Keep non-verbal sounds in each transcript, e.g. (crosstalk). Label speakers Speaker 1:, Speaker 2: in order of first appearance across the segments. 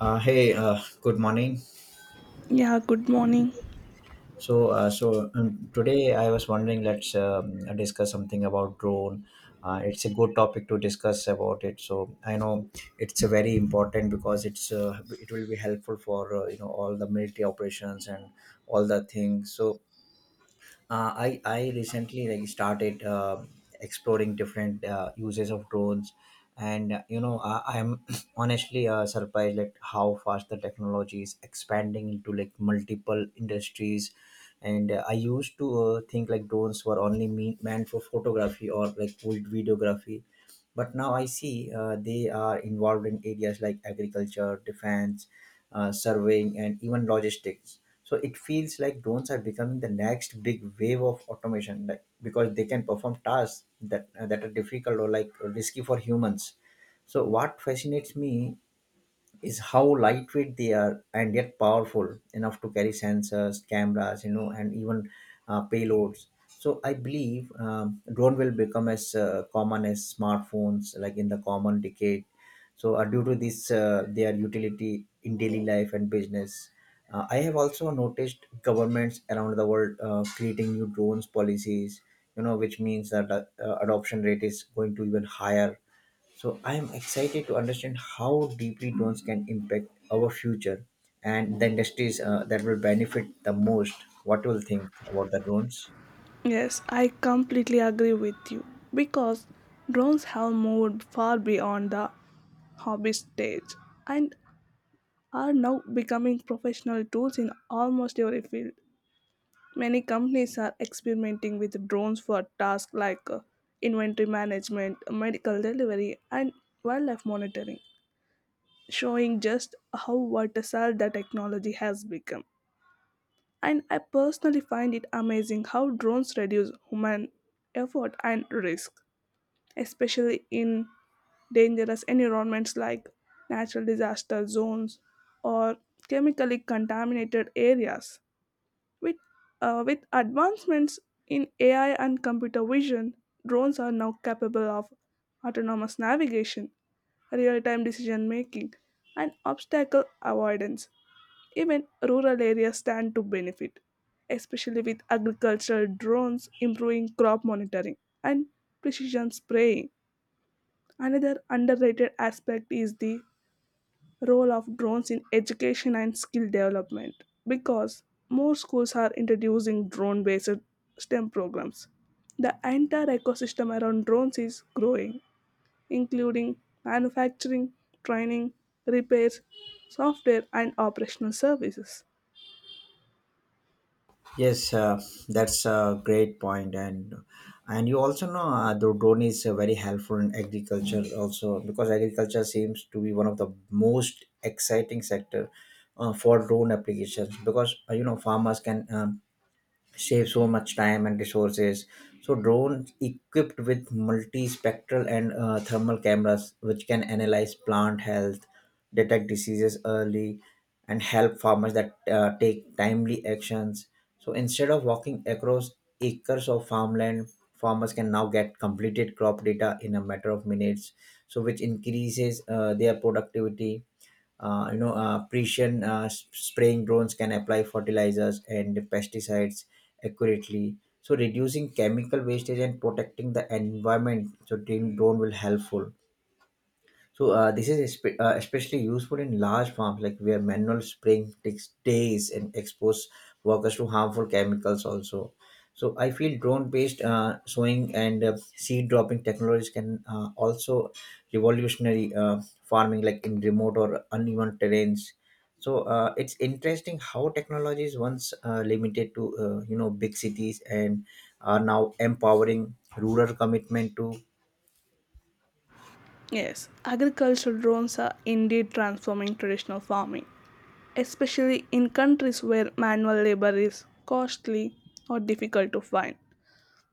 Speaker 1: Good morning.
Speaker 2: Yeah, good morning.
Speaker 1: Today I was wondering, let's discuss something about drone. It's a good topic to discuss about it. So I know it's a very important because it will be helpful for you know all the military operations and all the things. So I recently like started exploring different uses of drones, and you know I'm (clears throat) honestly surprised like how fast the technology is expanding into like multiple industries. And I used to think like drones were only meant for photography or like old videography, but now I see they are involved in areas like agriculture, defense, surveying, and even logistics. So it feels like drones are becoming the next big wave of automation, like because they can perform tasks that are difficult or like risky for humans. So what fascinates me is how lightweight they are and yet powerful enough to carry sensors, cameras, you know, and even payloads. So I believe drone will become as common as smartphones, like in the common decade. So due to this, their utility in daily life and business. I have also noticed governments around the world creating new drones policies. You know, which means that adoption rate is going to even higher, so I am excited to understand how deeply drones can impact our future and the industries that will benefit the most. What will think about the drones?
Speaker 2: Yes, I completely agree with you because drones have moved far beyond the hobby stage and are now becoming professional tools in almost every field. Many companies are experimenting with drones for tasks like inventory management, medical delivery, and wildlife monitoring, showing just how versatile the technology has become. And I personally find it amazing how drones reduce human effort and risk, especially in dangerous environments like natural disaster zones or chemically contaminated areas. With, with advancements in AI and computer vision, drones are now capable of autonomous navigation, real time decision making, and obstacle avoidance. Even rural areas stand to benefit, especially with agricultural drones improving crop monitoring and precision spraying. Another underrated aspect is the role of drones in education and skill development because more schools are introducing drone based STEM programs. The entire ecosystem around drones is growing, including manufacturing, training, repairs, software, and operational services.
Speaker 1: Yes, that's a great point, and you also know the drone is very helpful in agriculture also, because agriculture seems to be one of the most exciting sector for drone applications, because you know farmers can save so much time and resources. So drones equipped with multispectral and thermal cameras which can analyze plant health, detect diseases early, and help farmers that take timely actions. So instead of walking across acres of farmland, farmers can now get completed crop data in a matter of minutes, so which increases their productivity. Spraying drones can apply fertilizers and pesticides accurately, so reducing chemical wastage and protecting the environment. So drone will helpful. So this is especially useful in large farms, like where manual spraying takes days and expose workers to harmful chemicals. Also, so I feel drone-based sowing and seed dropping technologies can also revolutionary farming, like in remote or uneven terrains. So it's interesting how technologies once limited to you know big cities and are now empowering rural commitment to.
Speaker 2: Yes, agricultural drones are indeed transforming traditional farming, especially in countries where manual labor is costly or difficult to find.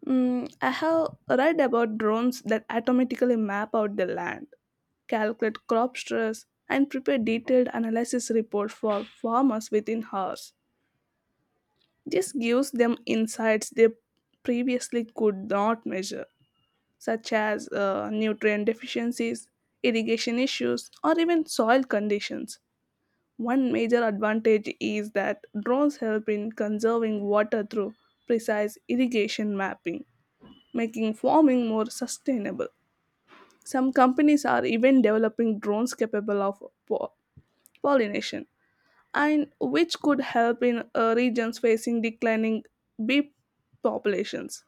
Speaker 2: I have read about drones that automatically map out the land, calculate crop stress, and prepare detailed analysis reports for farmers within hours. This gives them insights they previously could not measure, such as nutrient deficiencies, irrigation issues, or even soil conditions. One major advantage is that drones help in conserving water through precise irrigation mapping, making farming more sustainable. Some companies are even developing drones capable of pollination, and which could help in regions facing declining bee populations.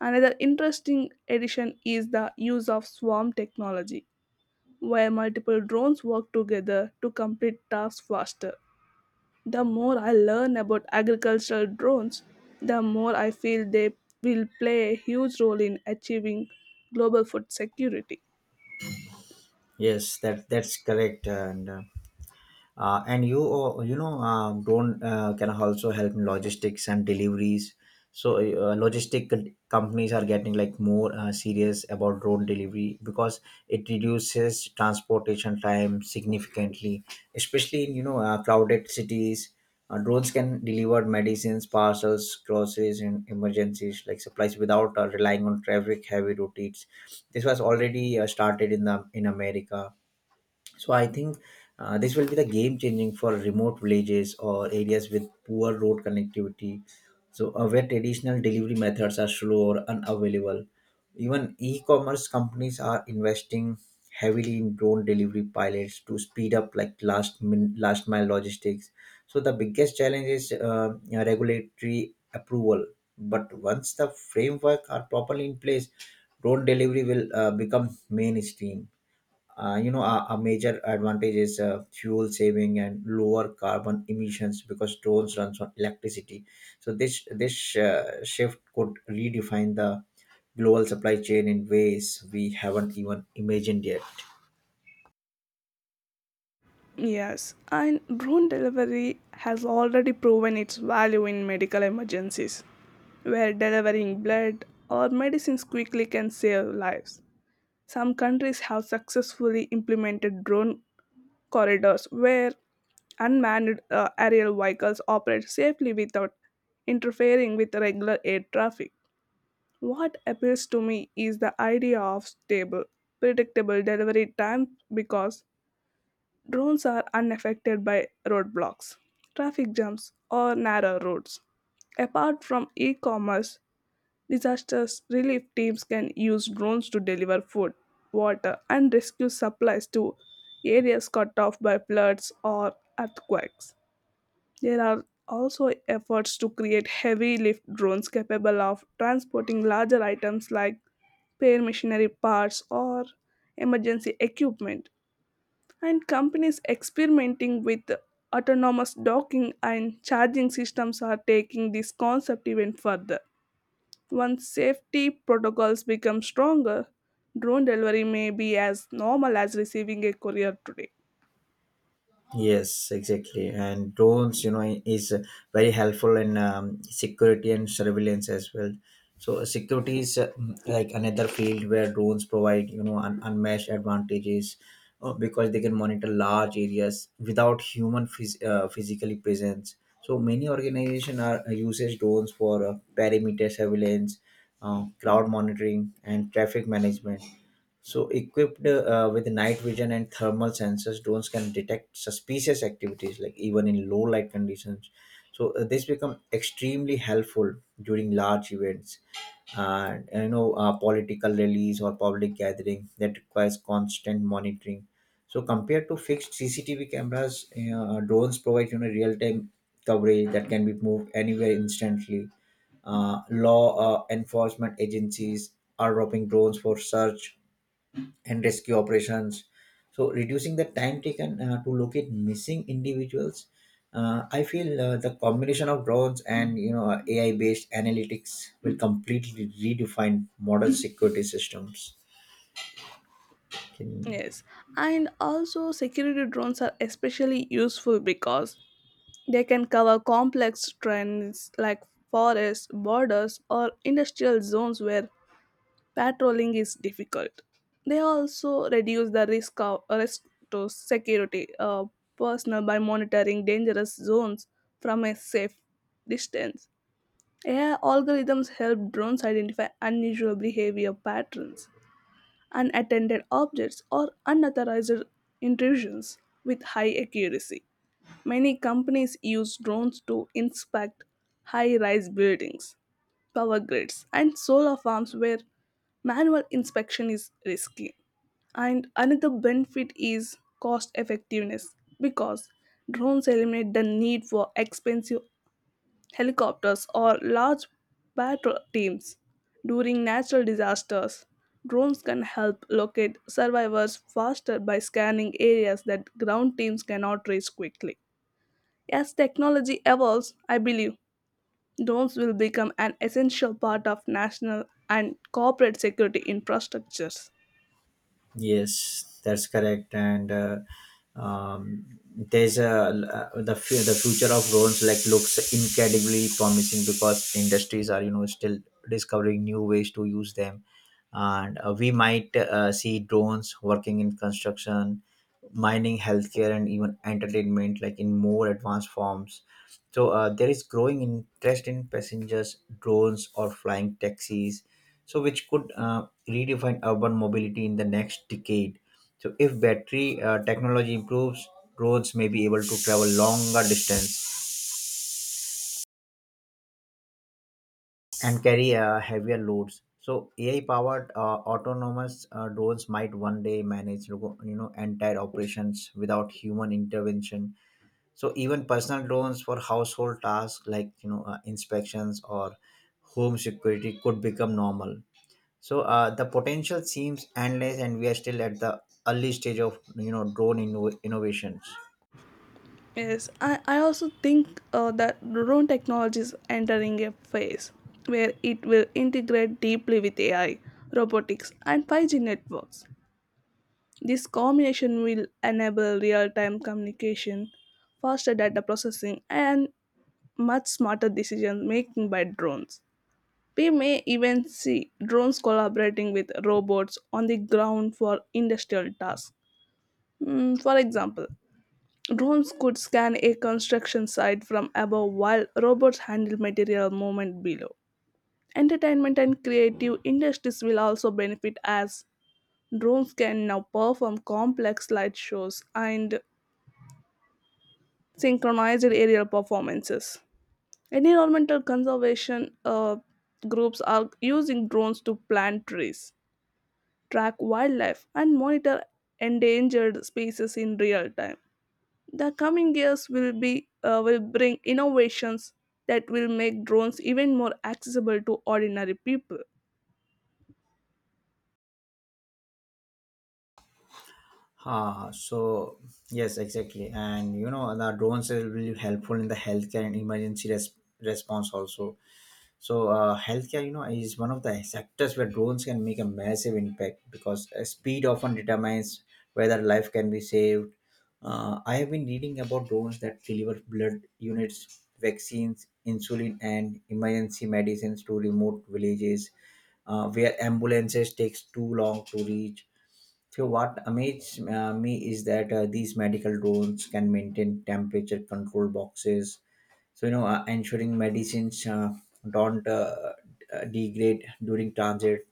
Speaker 2: Another interesting addition is the use of swarm technology, where multiple drones work together to complete tasks faster. The more I learn about agricultural drones, the more I feel they will play a huge role in achieving global food security.
Speaker 1: Yes, that's correct and. And you know drone can also help in logistics and deliveries. So companies are getting like more serious about drone delivery because it reduces transportation time significantly, especially in you know crowded cities. Drones can deliver medicines, parcels, groceries, and emergencies like supplies without relying on traffic heavy routes. This was already started in the in America. So I think this will be the game changing for remote villages or areas with poor road connectivity. So where traditional delivery methods are slow or unavailable. Even e-commerce companies are investing heavily in drone delivery pilots to speed up like last mile logistics. So the biggest challenge is you know, regulatory approval. But once the framework are properly in place, drone delivery will become mainstream. You know a major advantage is fuel saving and lower carbon emissions because drones runs on electricity. So this shift could redefine the global supply chain in ways we haven't even imagined yet.
Speaker 2: Yes, and drone delivery has already proven its value in medical emergencies, where delivering blood or medicines quickly can save lives. Some countries have successfully implemented drone corridors where unmanned aerial vehicles operate safely without interfering with regular air traffic. What appeals to me is the idea of stable, predictable delivery times, because drones are unaffected by roadblocks, traffic jams, or narrow roads. Apart from e commerce, disaster relief teams can use drones to deliver food, water, and rescue supplies to areas cut off by floods or earthquakes. There are also efforts to create heavy lift drones capable of transporting larger items like spare machinery parts or emergency equipment, and companies experimenting with autonomous docking and charging systems are taking this concept even further. Once safety protocols become stronger, drone delivery may be as normal as receiving a courier today.
Speaker 1: Yes, exactly. And drones, you know, is very helpful in security and surveillance as well. So security is like another field where drones provide, you know, unmatched advantages because they can monitor large areas without human physically presence. So many organizations are uses drones for perimeter surveillance, crowd monitoring, and traffic management. So, equipped with night vision and thermal sensors, drones can detect suspicious activities, like even in low light conditions. So, this become extremely helpful during large events, and you know, political rallies or public gathering that requires constant monitoring. So, compared to fixed CCTV cameras, drones provide you know real time coverage that can be moved anywhere instantly. Law enforcement agencies are dropping drones for search and rescue operations, so reducing the time taken to locate missing individuals. I feel the combination of drones and you know AI-based analytics will completely redefine modern security systems. Can.
Speaker 2: Yes, and also security drones are especially useful because they can cover complex trends like forests, borders, or industrial zones where patrolling is difficult. They also reduce the risk of risk to security personnel by monitoring dangerous zones from a safe distance. AI algorithms help drones identify unusual behavior patterns, unattended objects, or unauthorized intrusions with high accuracy. Many companies use drones to inspect high rise buildings, power grids, and solar farms where manual inspection is risky. And another benefit is cost effectiveness because drones eliminate the need for expensive helicopters or large patrol teams. During natural disasters, drones can help locate survivors faster by scanning areas that ground teams cannot reach quickly. As technology evolves, I believe drones will become an essential part of national and corporate security infrastructures.
Speaker 1: Yes, that's correct. And there's the future of drones like looks incredibly promising because industries are you know still discovering new ways to use them, and we might see drones working in construction, mining, healthcare, and even entertainment like in more advanced forms. So there is growing interest in passengers drones or flying taxis, so which could redefine urban mobility in the next decade. So, if battery technology improves, roads may be able to travel longer distance and carry heavier loads. So, AI-powered autonomous drones might one day manage, you know, entire operations without human intervention. So, even personal drones for household tasks like you know inspections or home security could become normal. So the potential seems endless, and we are still at the early stage of you know drone innovations.
Speaker 2: Yes, I also think that drone technology is entering a phase where it will integrate deeply with AI, robotics, and 5G networks. This combination will enable real time communication, faster data processing, and much smarter decision making by drones. We may even see drones collaborating with robots on the ground for industrial tasks. For example, drones could scan a construction site from above while robots handle material movement below. Entertainment and creative industries will also benefit as drones can now perform complex light shows and synchronized aerial performances. Environmental conservation groups are using drones to plant trees, track wildlife, and monitor endangered species in real time. The coming years will be will bring innovations that will make drones even more accessible to ordinary people.
Speaker 1: Ah, so yes, exactly, and you know the drones will be helpful in the healthcare and emergency response also. So healthcare, you know, is one of the sectors where drones can make a massive impact because speed often determines whether life can be saved. I have been reading about drones that deliver blood units, vaccines, insulin, and emergency medicines to remote villages where ambulances takes too long to reach. So what amazes me is that these medical drones can maintain temperature control boxes, so you know ensuring medicines don't degrade during transit.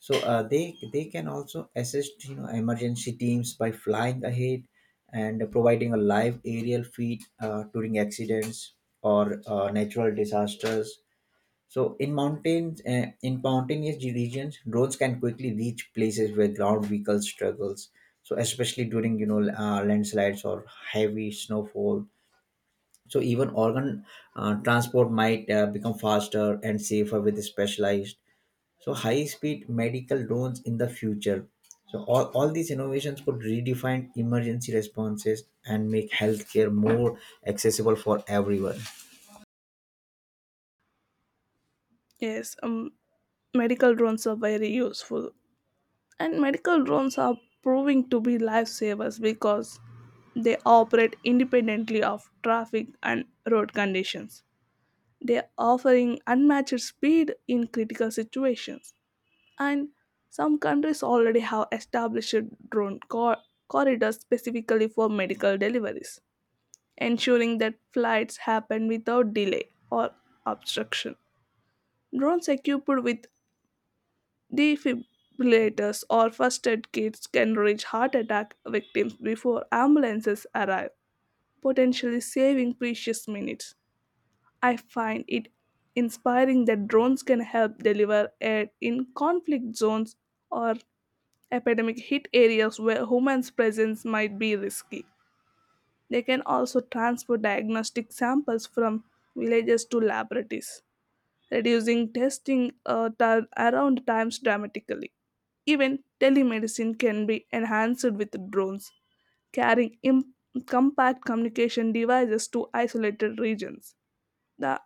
Speaker 1: So they can also assist you know emergency teams by flying ahead and providing a live aerial feed during accidents or natural disasters. So in mountainous regions drones can quickly reach places where ground vehicles struggles, so especially during you know landslides or heavy snowfall. So even organ transport might become faster and safer with specialized, so high speed medical drones in the future. So all these innovations could redefine emergency responses and make healthcare more accessible for everyone.
Speaker 2: Yes, medical drones are very useful, and medical drones are proving to be lifesavers because they operate independently of traffic and road conditions. They are offering unmatched speed in critical situations. And some countries already have established drone corridors specifically for medical deliveries, ensuring that flights happen without delay or obstruction. Drones equipped with defibrillators or first aid kits can reach heart attack victims before ambulances arrive, potentially saving precious minutes. I find it inspiring that drones can help deliver aid in conflict zones or epidemic hit areas where humans' presence might be risky. They can also transfer diagnostic samples from villages to laboratories, reducing testing around times dramatically. Even telemedicine can be enhanced with drones, carrying compact communication devices to isolated regions. The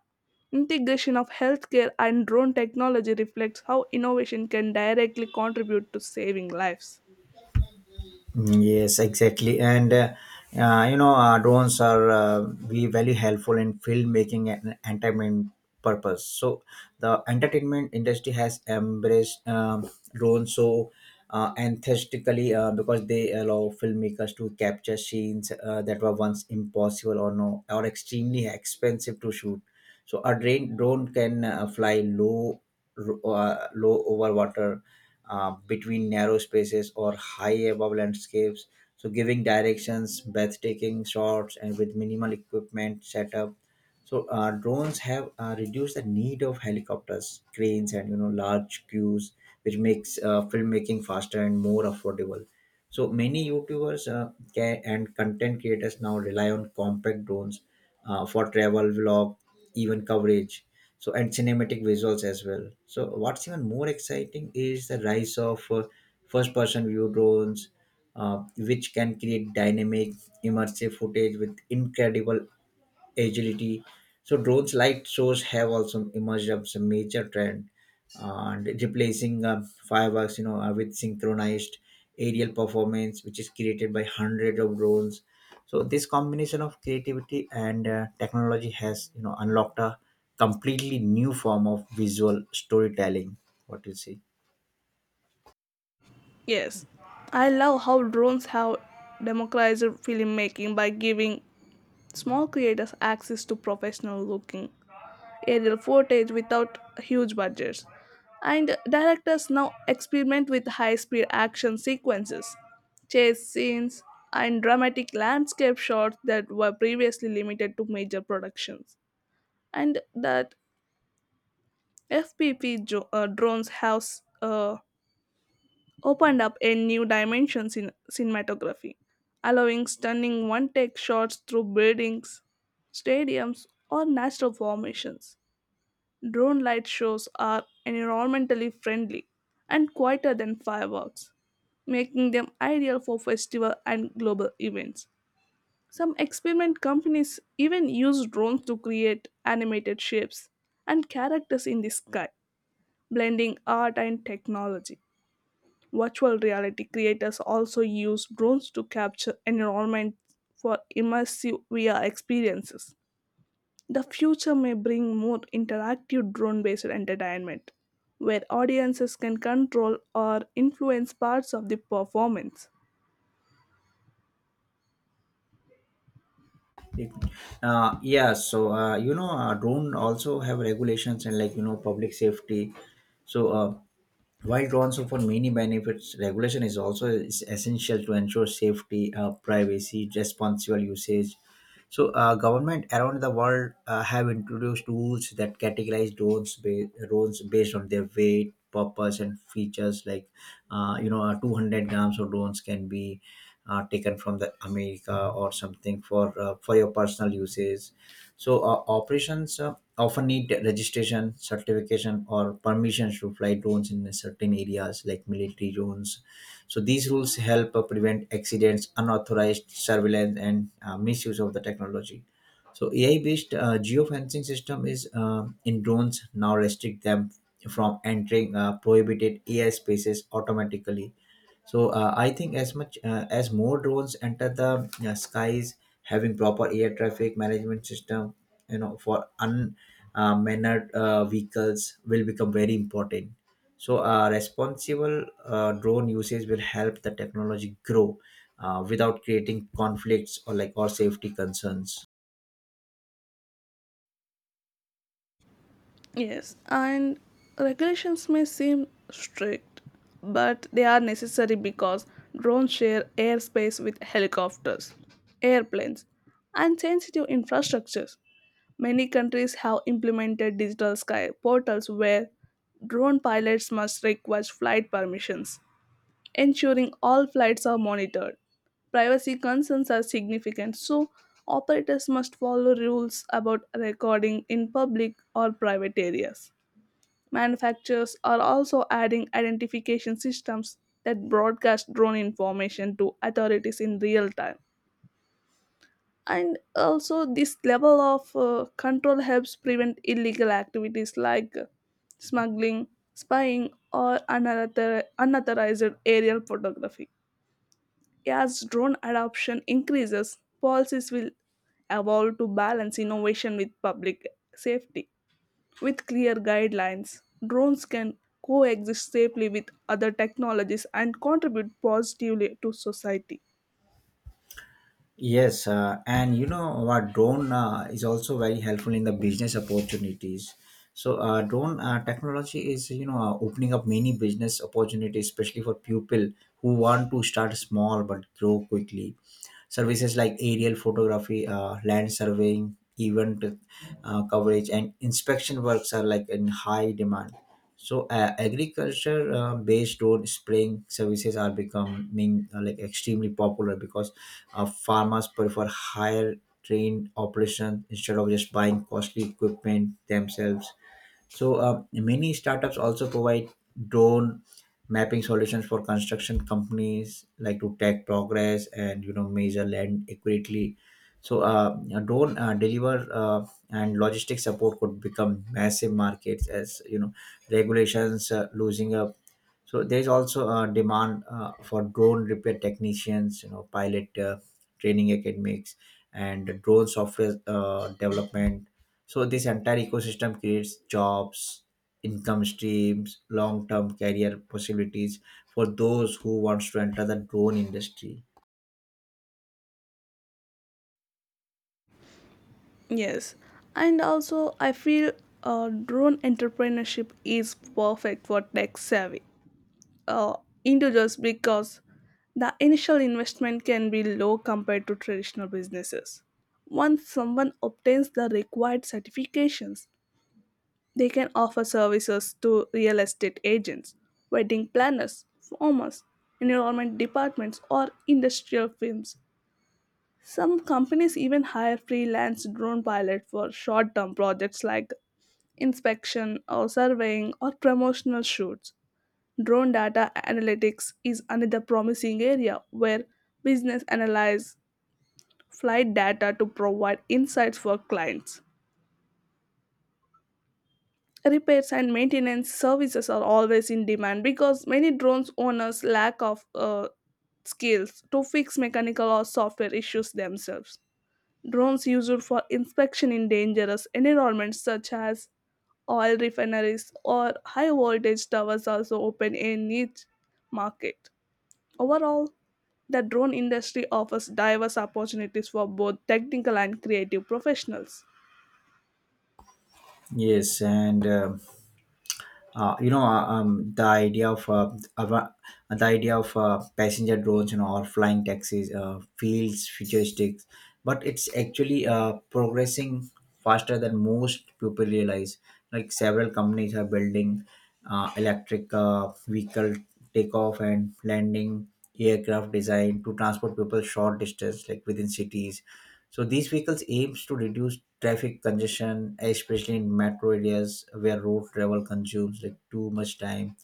Speaker 2: integration of healthcare and drone technology reflects how innovation can directly contribute to saving lives.
Speaker 1: Yes, exactly. And you know, drones are be very helpful in filmmaking and entertainment purpose. So the entertainment industry has embraced drones so enthusiastically because they allow filmmakers to capture scenes that were once impossible or no or extremely expensive to shoot. So a drone can fly low, low over water, between narrow spaces or high above landscapes, so giving directions, breathtaking shots, and with minimal equipment setup. So drones have reduced the need of helicopters, cranes, and you know large crews, which makes filmmaking faster and more affordable. So many YouTubers and content creators now rely on compact drones for travel, vlog, even coverage, so and cinematic visuals as well. So what's even more exciting is the rise of first-person view drones, which can create dynamic, immersive footage with incredible agility. So drones light shows have also emerged as a major trend, and replacing fireworks, you know, with synchronized aerial performance, which is created by hundreds of drones. So this combination of creativity and technology has, you know, unlocked a completely new form of visual storytelling. What you see.
Speaker 2: Yes, I love how drones have democratized filmmaking by giving small creators access to professional looking aerial footage without huge budgets. And directors now experiment with high speed action sequences, chase scenes, and dramatic landscape shots that were previously limited to major productions. And that FPV drones have uh, opened up a new dimension in cinematography, allowing stunning one take shots through buildings, stadiums, or natural formations. Drone light shows are environmentally friendly and quieter than fireworks, making them ideal for festival and global events. Some experiment companies even use drones to create animated shapes and characters in the sky, blending art and technology. Virtual reality creators also use drones to capture environment for immersive VR experiences. The future may bring more interactive drone based entertainment, where audiences can control or influence parts of the performance.
Speaker 1: Yeah, so you know, drone also have regulations and like you know public safety. So while responsible for many benefits, regulation is also is essential to ensure safety, privacy, responsible usage. So, government around the world have introduced rules that categorize drones, drones based on their weight, purpose, and features. Like, you know, 200 grams of drones can be taken from the America or something for your personal usage. So operations often need registration, certification, or permissions to fly drones in certain areas like military zones. So these rules help prevent accidents, unauthorized surveillance, and misuse of the technology. So AI-based geofencing system is in drones now restrict them from entering prohibited AI spaces automatically. So I think as much as more drones enter the skies, having proper air traffic management system, you know, for vehicles will become very important. So responsible drone usage will help the technology grow without creating conflicts or or safety concerns.
Speaker 2: Yes, and regulations may seem strict, but they are necessary because drones share airspace with helicopters, airplanes, and sensitive infrastructures. Many countries have implemented digital sky portals where drone pilots must request flight permissions, ensuring all flights are monitored. Privacy concerns are significant, so operators must follow rules about recording in public or private areas. Manufacturers are also adding identification systems that broadcast drone information to authorities in real time. And also this level of control helps prevent illegal activities like smuggling, spying, or unauthorized aerial photography. As drone adoption increases, policies will evolve to balance innovation with public safety. With clear guidelines, drones can coexist safely with other technologies and contribute positively to society.
Speaker 1: Yes, and you know what, drone is also very helpful in the business opportunities. So drone technology is, opening up many business opportunities, especially for people who want to start small but grow quickly. Services like aerial photography, land surveying, event coverage, and inspection works are like in high demand. So agriculture based on spraying services are becoming, like, extremely popular because farmers prefer higher trained operation instead of just buying costly equipment themselves. So many startups also provide drone mapping solutions for construction companies like to track progress and, you know, measure land accurately. So a drone deliver and logistic support could become massive markets as, you know, regulations losing up. So there is also a demand for drone repair technicians, you know, pilot training academics, and drone software development. So this entire ecosystem creates jobs, income streams, long-term career possibilities for those who wants to enter the drone industry.
Speaker 2: Yes, and also I feel drone entrepreneurship is perfect for tech savvy uh, individuals because the initial investment can be low compared to traditional businesses. Once someone obtains the required certifications, they can offer services to real estate agents, wedding planners, farmers, environment departments, or industrial firms. Some companies even hire freelance drone pilots for short term projects like inspection or surveying or promotional shoots. Drone data analytics is another promising area where business analyze flight data to provide insights for clients. Repairs and maintenance services are always in demand because many drones owners lack of skills to fix mechanical or software issues themselves. Drones used for inspection in dangerous environments such as oil refineries or high voltage towers also open a niche market. Overall, the drone industry offers diverse opportunities for both technical and creative professionals.
Speaker 1: Yes, and you know, ava- the idea of passenger drones, you know, or flying taxis feels futuristic, but it's actually progressing faster than most people realize. Like several companies are building electric vehicle takeoff and landing aircraft design to transport people short distance like within cities. So these vehicles aims to reduce traffic congestion, especially in metro areas where road travel consumes like too much time.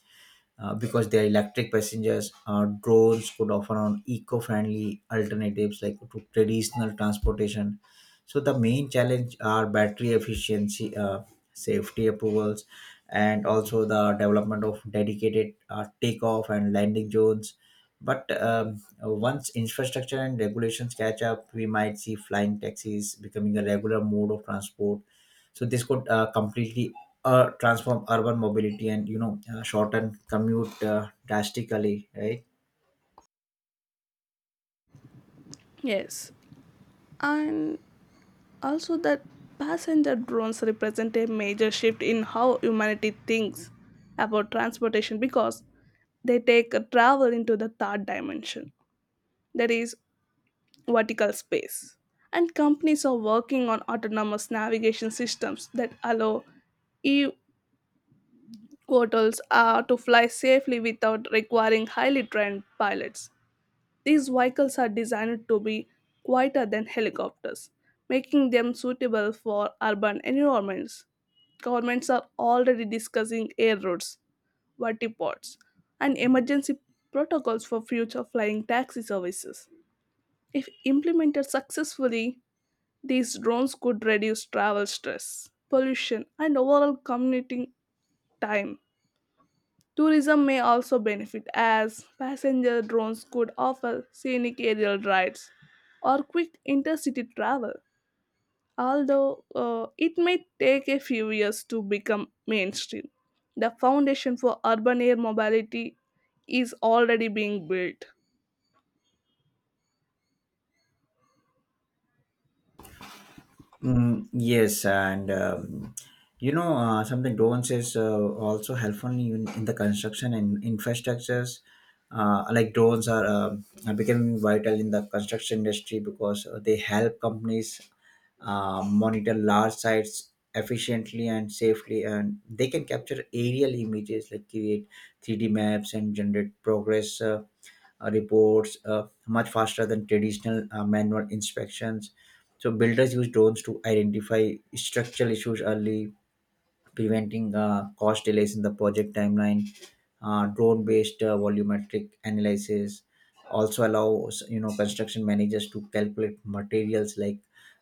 Speaker 1: Because they are electric passengers, drones could offer on eco-friendly alternatives like to traditional transportation. So the main challenge are battery efficiency, safety approvals, and also the development of dedicated takeoff and landing zones. But once infrastructure and regulations catch up, we might see flying taxis becoming a regular mode of transport. So this could completely transform urban mobility and, you know, shorten commute drastically, right?
Speaker 2: Yes, and also that passenger drones represent a major shift in how humanity thinks about transportation because they take a travel into the third dimension. That is, vertical space. And companies are working on autonomous navigation systems that allow e portals are to fly safely without requiring highly trained pilots. These vehicles are designed to be quieter than helicopters, making them suitable for urban environments. Governments are already discussing air routes, vertiports, and emergency protocols for future flying taxi services. If implemented successfully, these drones could reduce travel stress, pollution, and overall commuting time. Tourism may also benefit as passenger drones could offer scenic aerial rides or quick intercity travel, although it may take a few years to become mainstream. The foundation for urban air mobility is already being built.
Speaker 1: Mm, yes, and you know, something drones is also helpful in the construction and infrastructures. Like are becoming vital in the construction industry because they help companies monitor large sites efficiently and safely, and they can capture aerial images, like create 3D maps and generate progress, reports much faster than traditional manual inspections. So builders use drones to identify structural issues early, preventing cost delays in the project timeline. Drone based volumetric analysis also allows, you know, construction managers to calculate materials like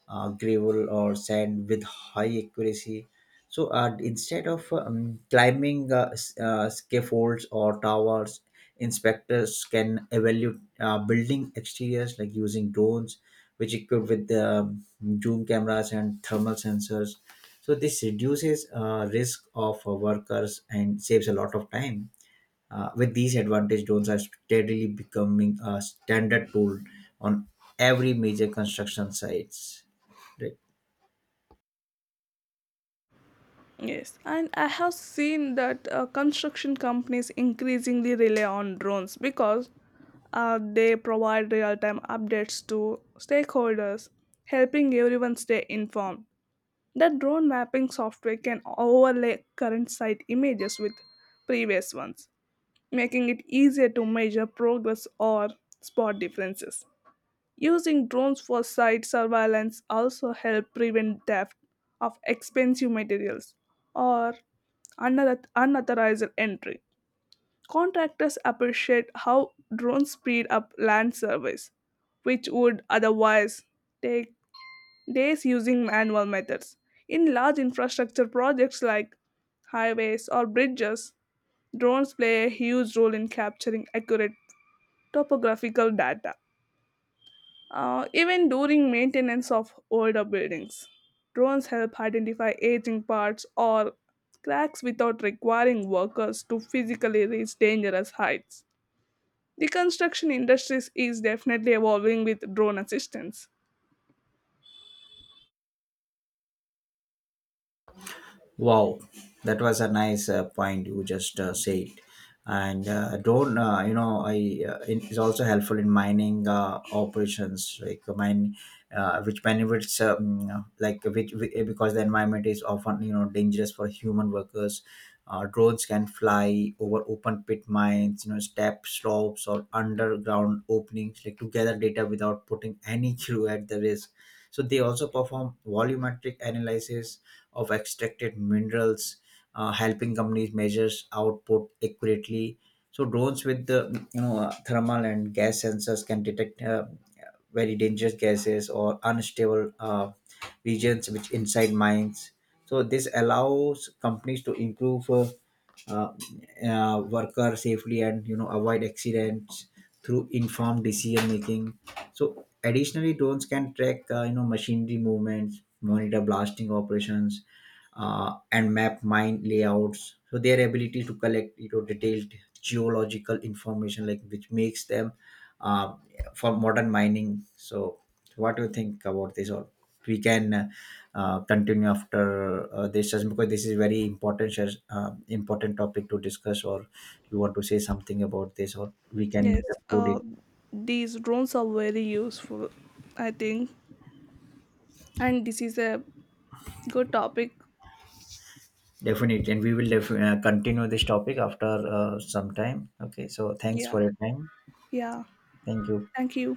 Speaker 1: gravel or sand with high accuracy. So instead of climbing scaffolds or towers, inspectors can evaluate building exteriors like using drones, which equipped with the zoom cameras and thermal sensors. So this reduces risk of workers and saves a lot of time. With these advantage drones are steadily becoming a standard tool on every major construction sites. Right?
Speaker 2: Yes, and I have seen that construction companies increasingly rely on drones because they provide real time updates to stakeholders, helping everyone stay informed. The drone mapping software can overlay current site images with previous ones, making it easier to measure progress or spot differences. Using drones for site surveillance also help prevent theft of expensive materials or unauthorized entry. Contractors appreciate how drones speed up land surveys, which would otherwise take days using manual methods. In large infrastructure projects like highways or bridges, drones play a huge role in capturing accurate topographical data. Even during maintenance of older buildings, drones help identify aging parts or cracks without requiring workers to physically reach dangerous heights. The construction industry is definitely evolving with drone assistance.
Speaker 1: Wow, that was a nice point you just said. And you know, I it is also helpful in mining operations, like which benefits, like which because the environment is often, you know, dangerous for human workers. Drones can fly over open pit mines, you know, step slopes or underground openings, like to gather data without putting any (laughs) crew at the risk. So they also perform volumetric analysis of extracted minerals, helping companies measure output accurately. So drones with the, you know, thermal and gas sensors can detect very dangerous gases or unstable regions which inside mines. So this allows companies to improve uh, worker safely and, you know, avoid accidents through informed decision making. So additionally, drones can track, you know, machinery movements, monitor blasting operations, and map mine layouts. So their ability to collect, you know, detailed geological information, like which makes them uh, for modern mining. So what do you think about this? All we can continue after this session because this is very important important topic to discuss. Or you want to say something about this, or we can
Speaker 2: Yes,
Speaker 1: conclude it.
Speaker 2: uh, these drones are very useful, I think. And this is a good topic.
Speaker 1: Definitely, and we will continue this topic after some time. Okay, so thanks
Speaker 2: Yeah,
Speaker 1: for your time.
Speaker 2: yeah.
Speaker 1: Thank you.
Speaker 2: Thank you.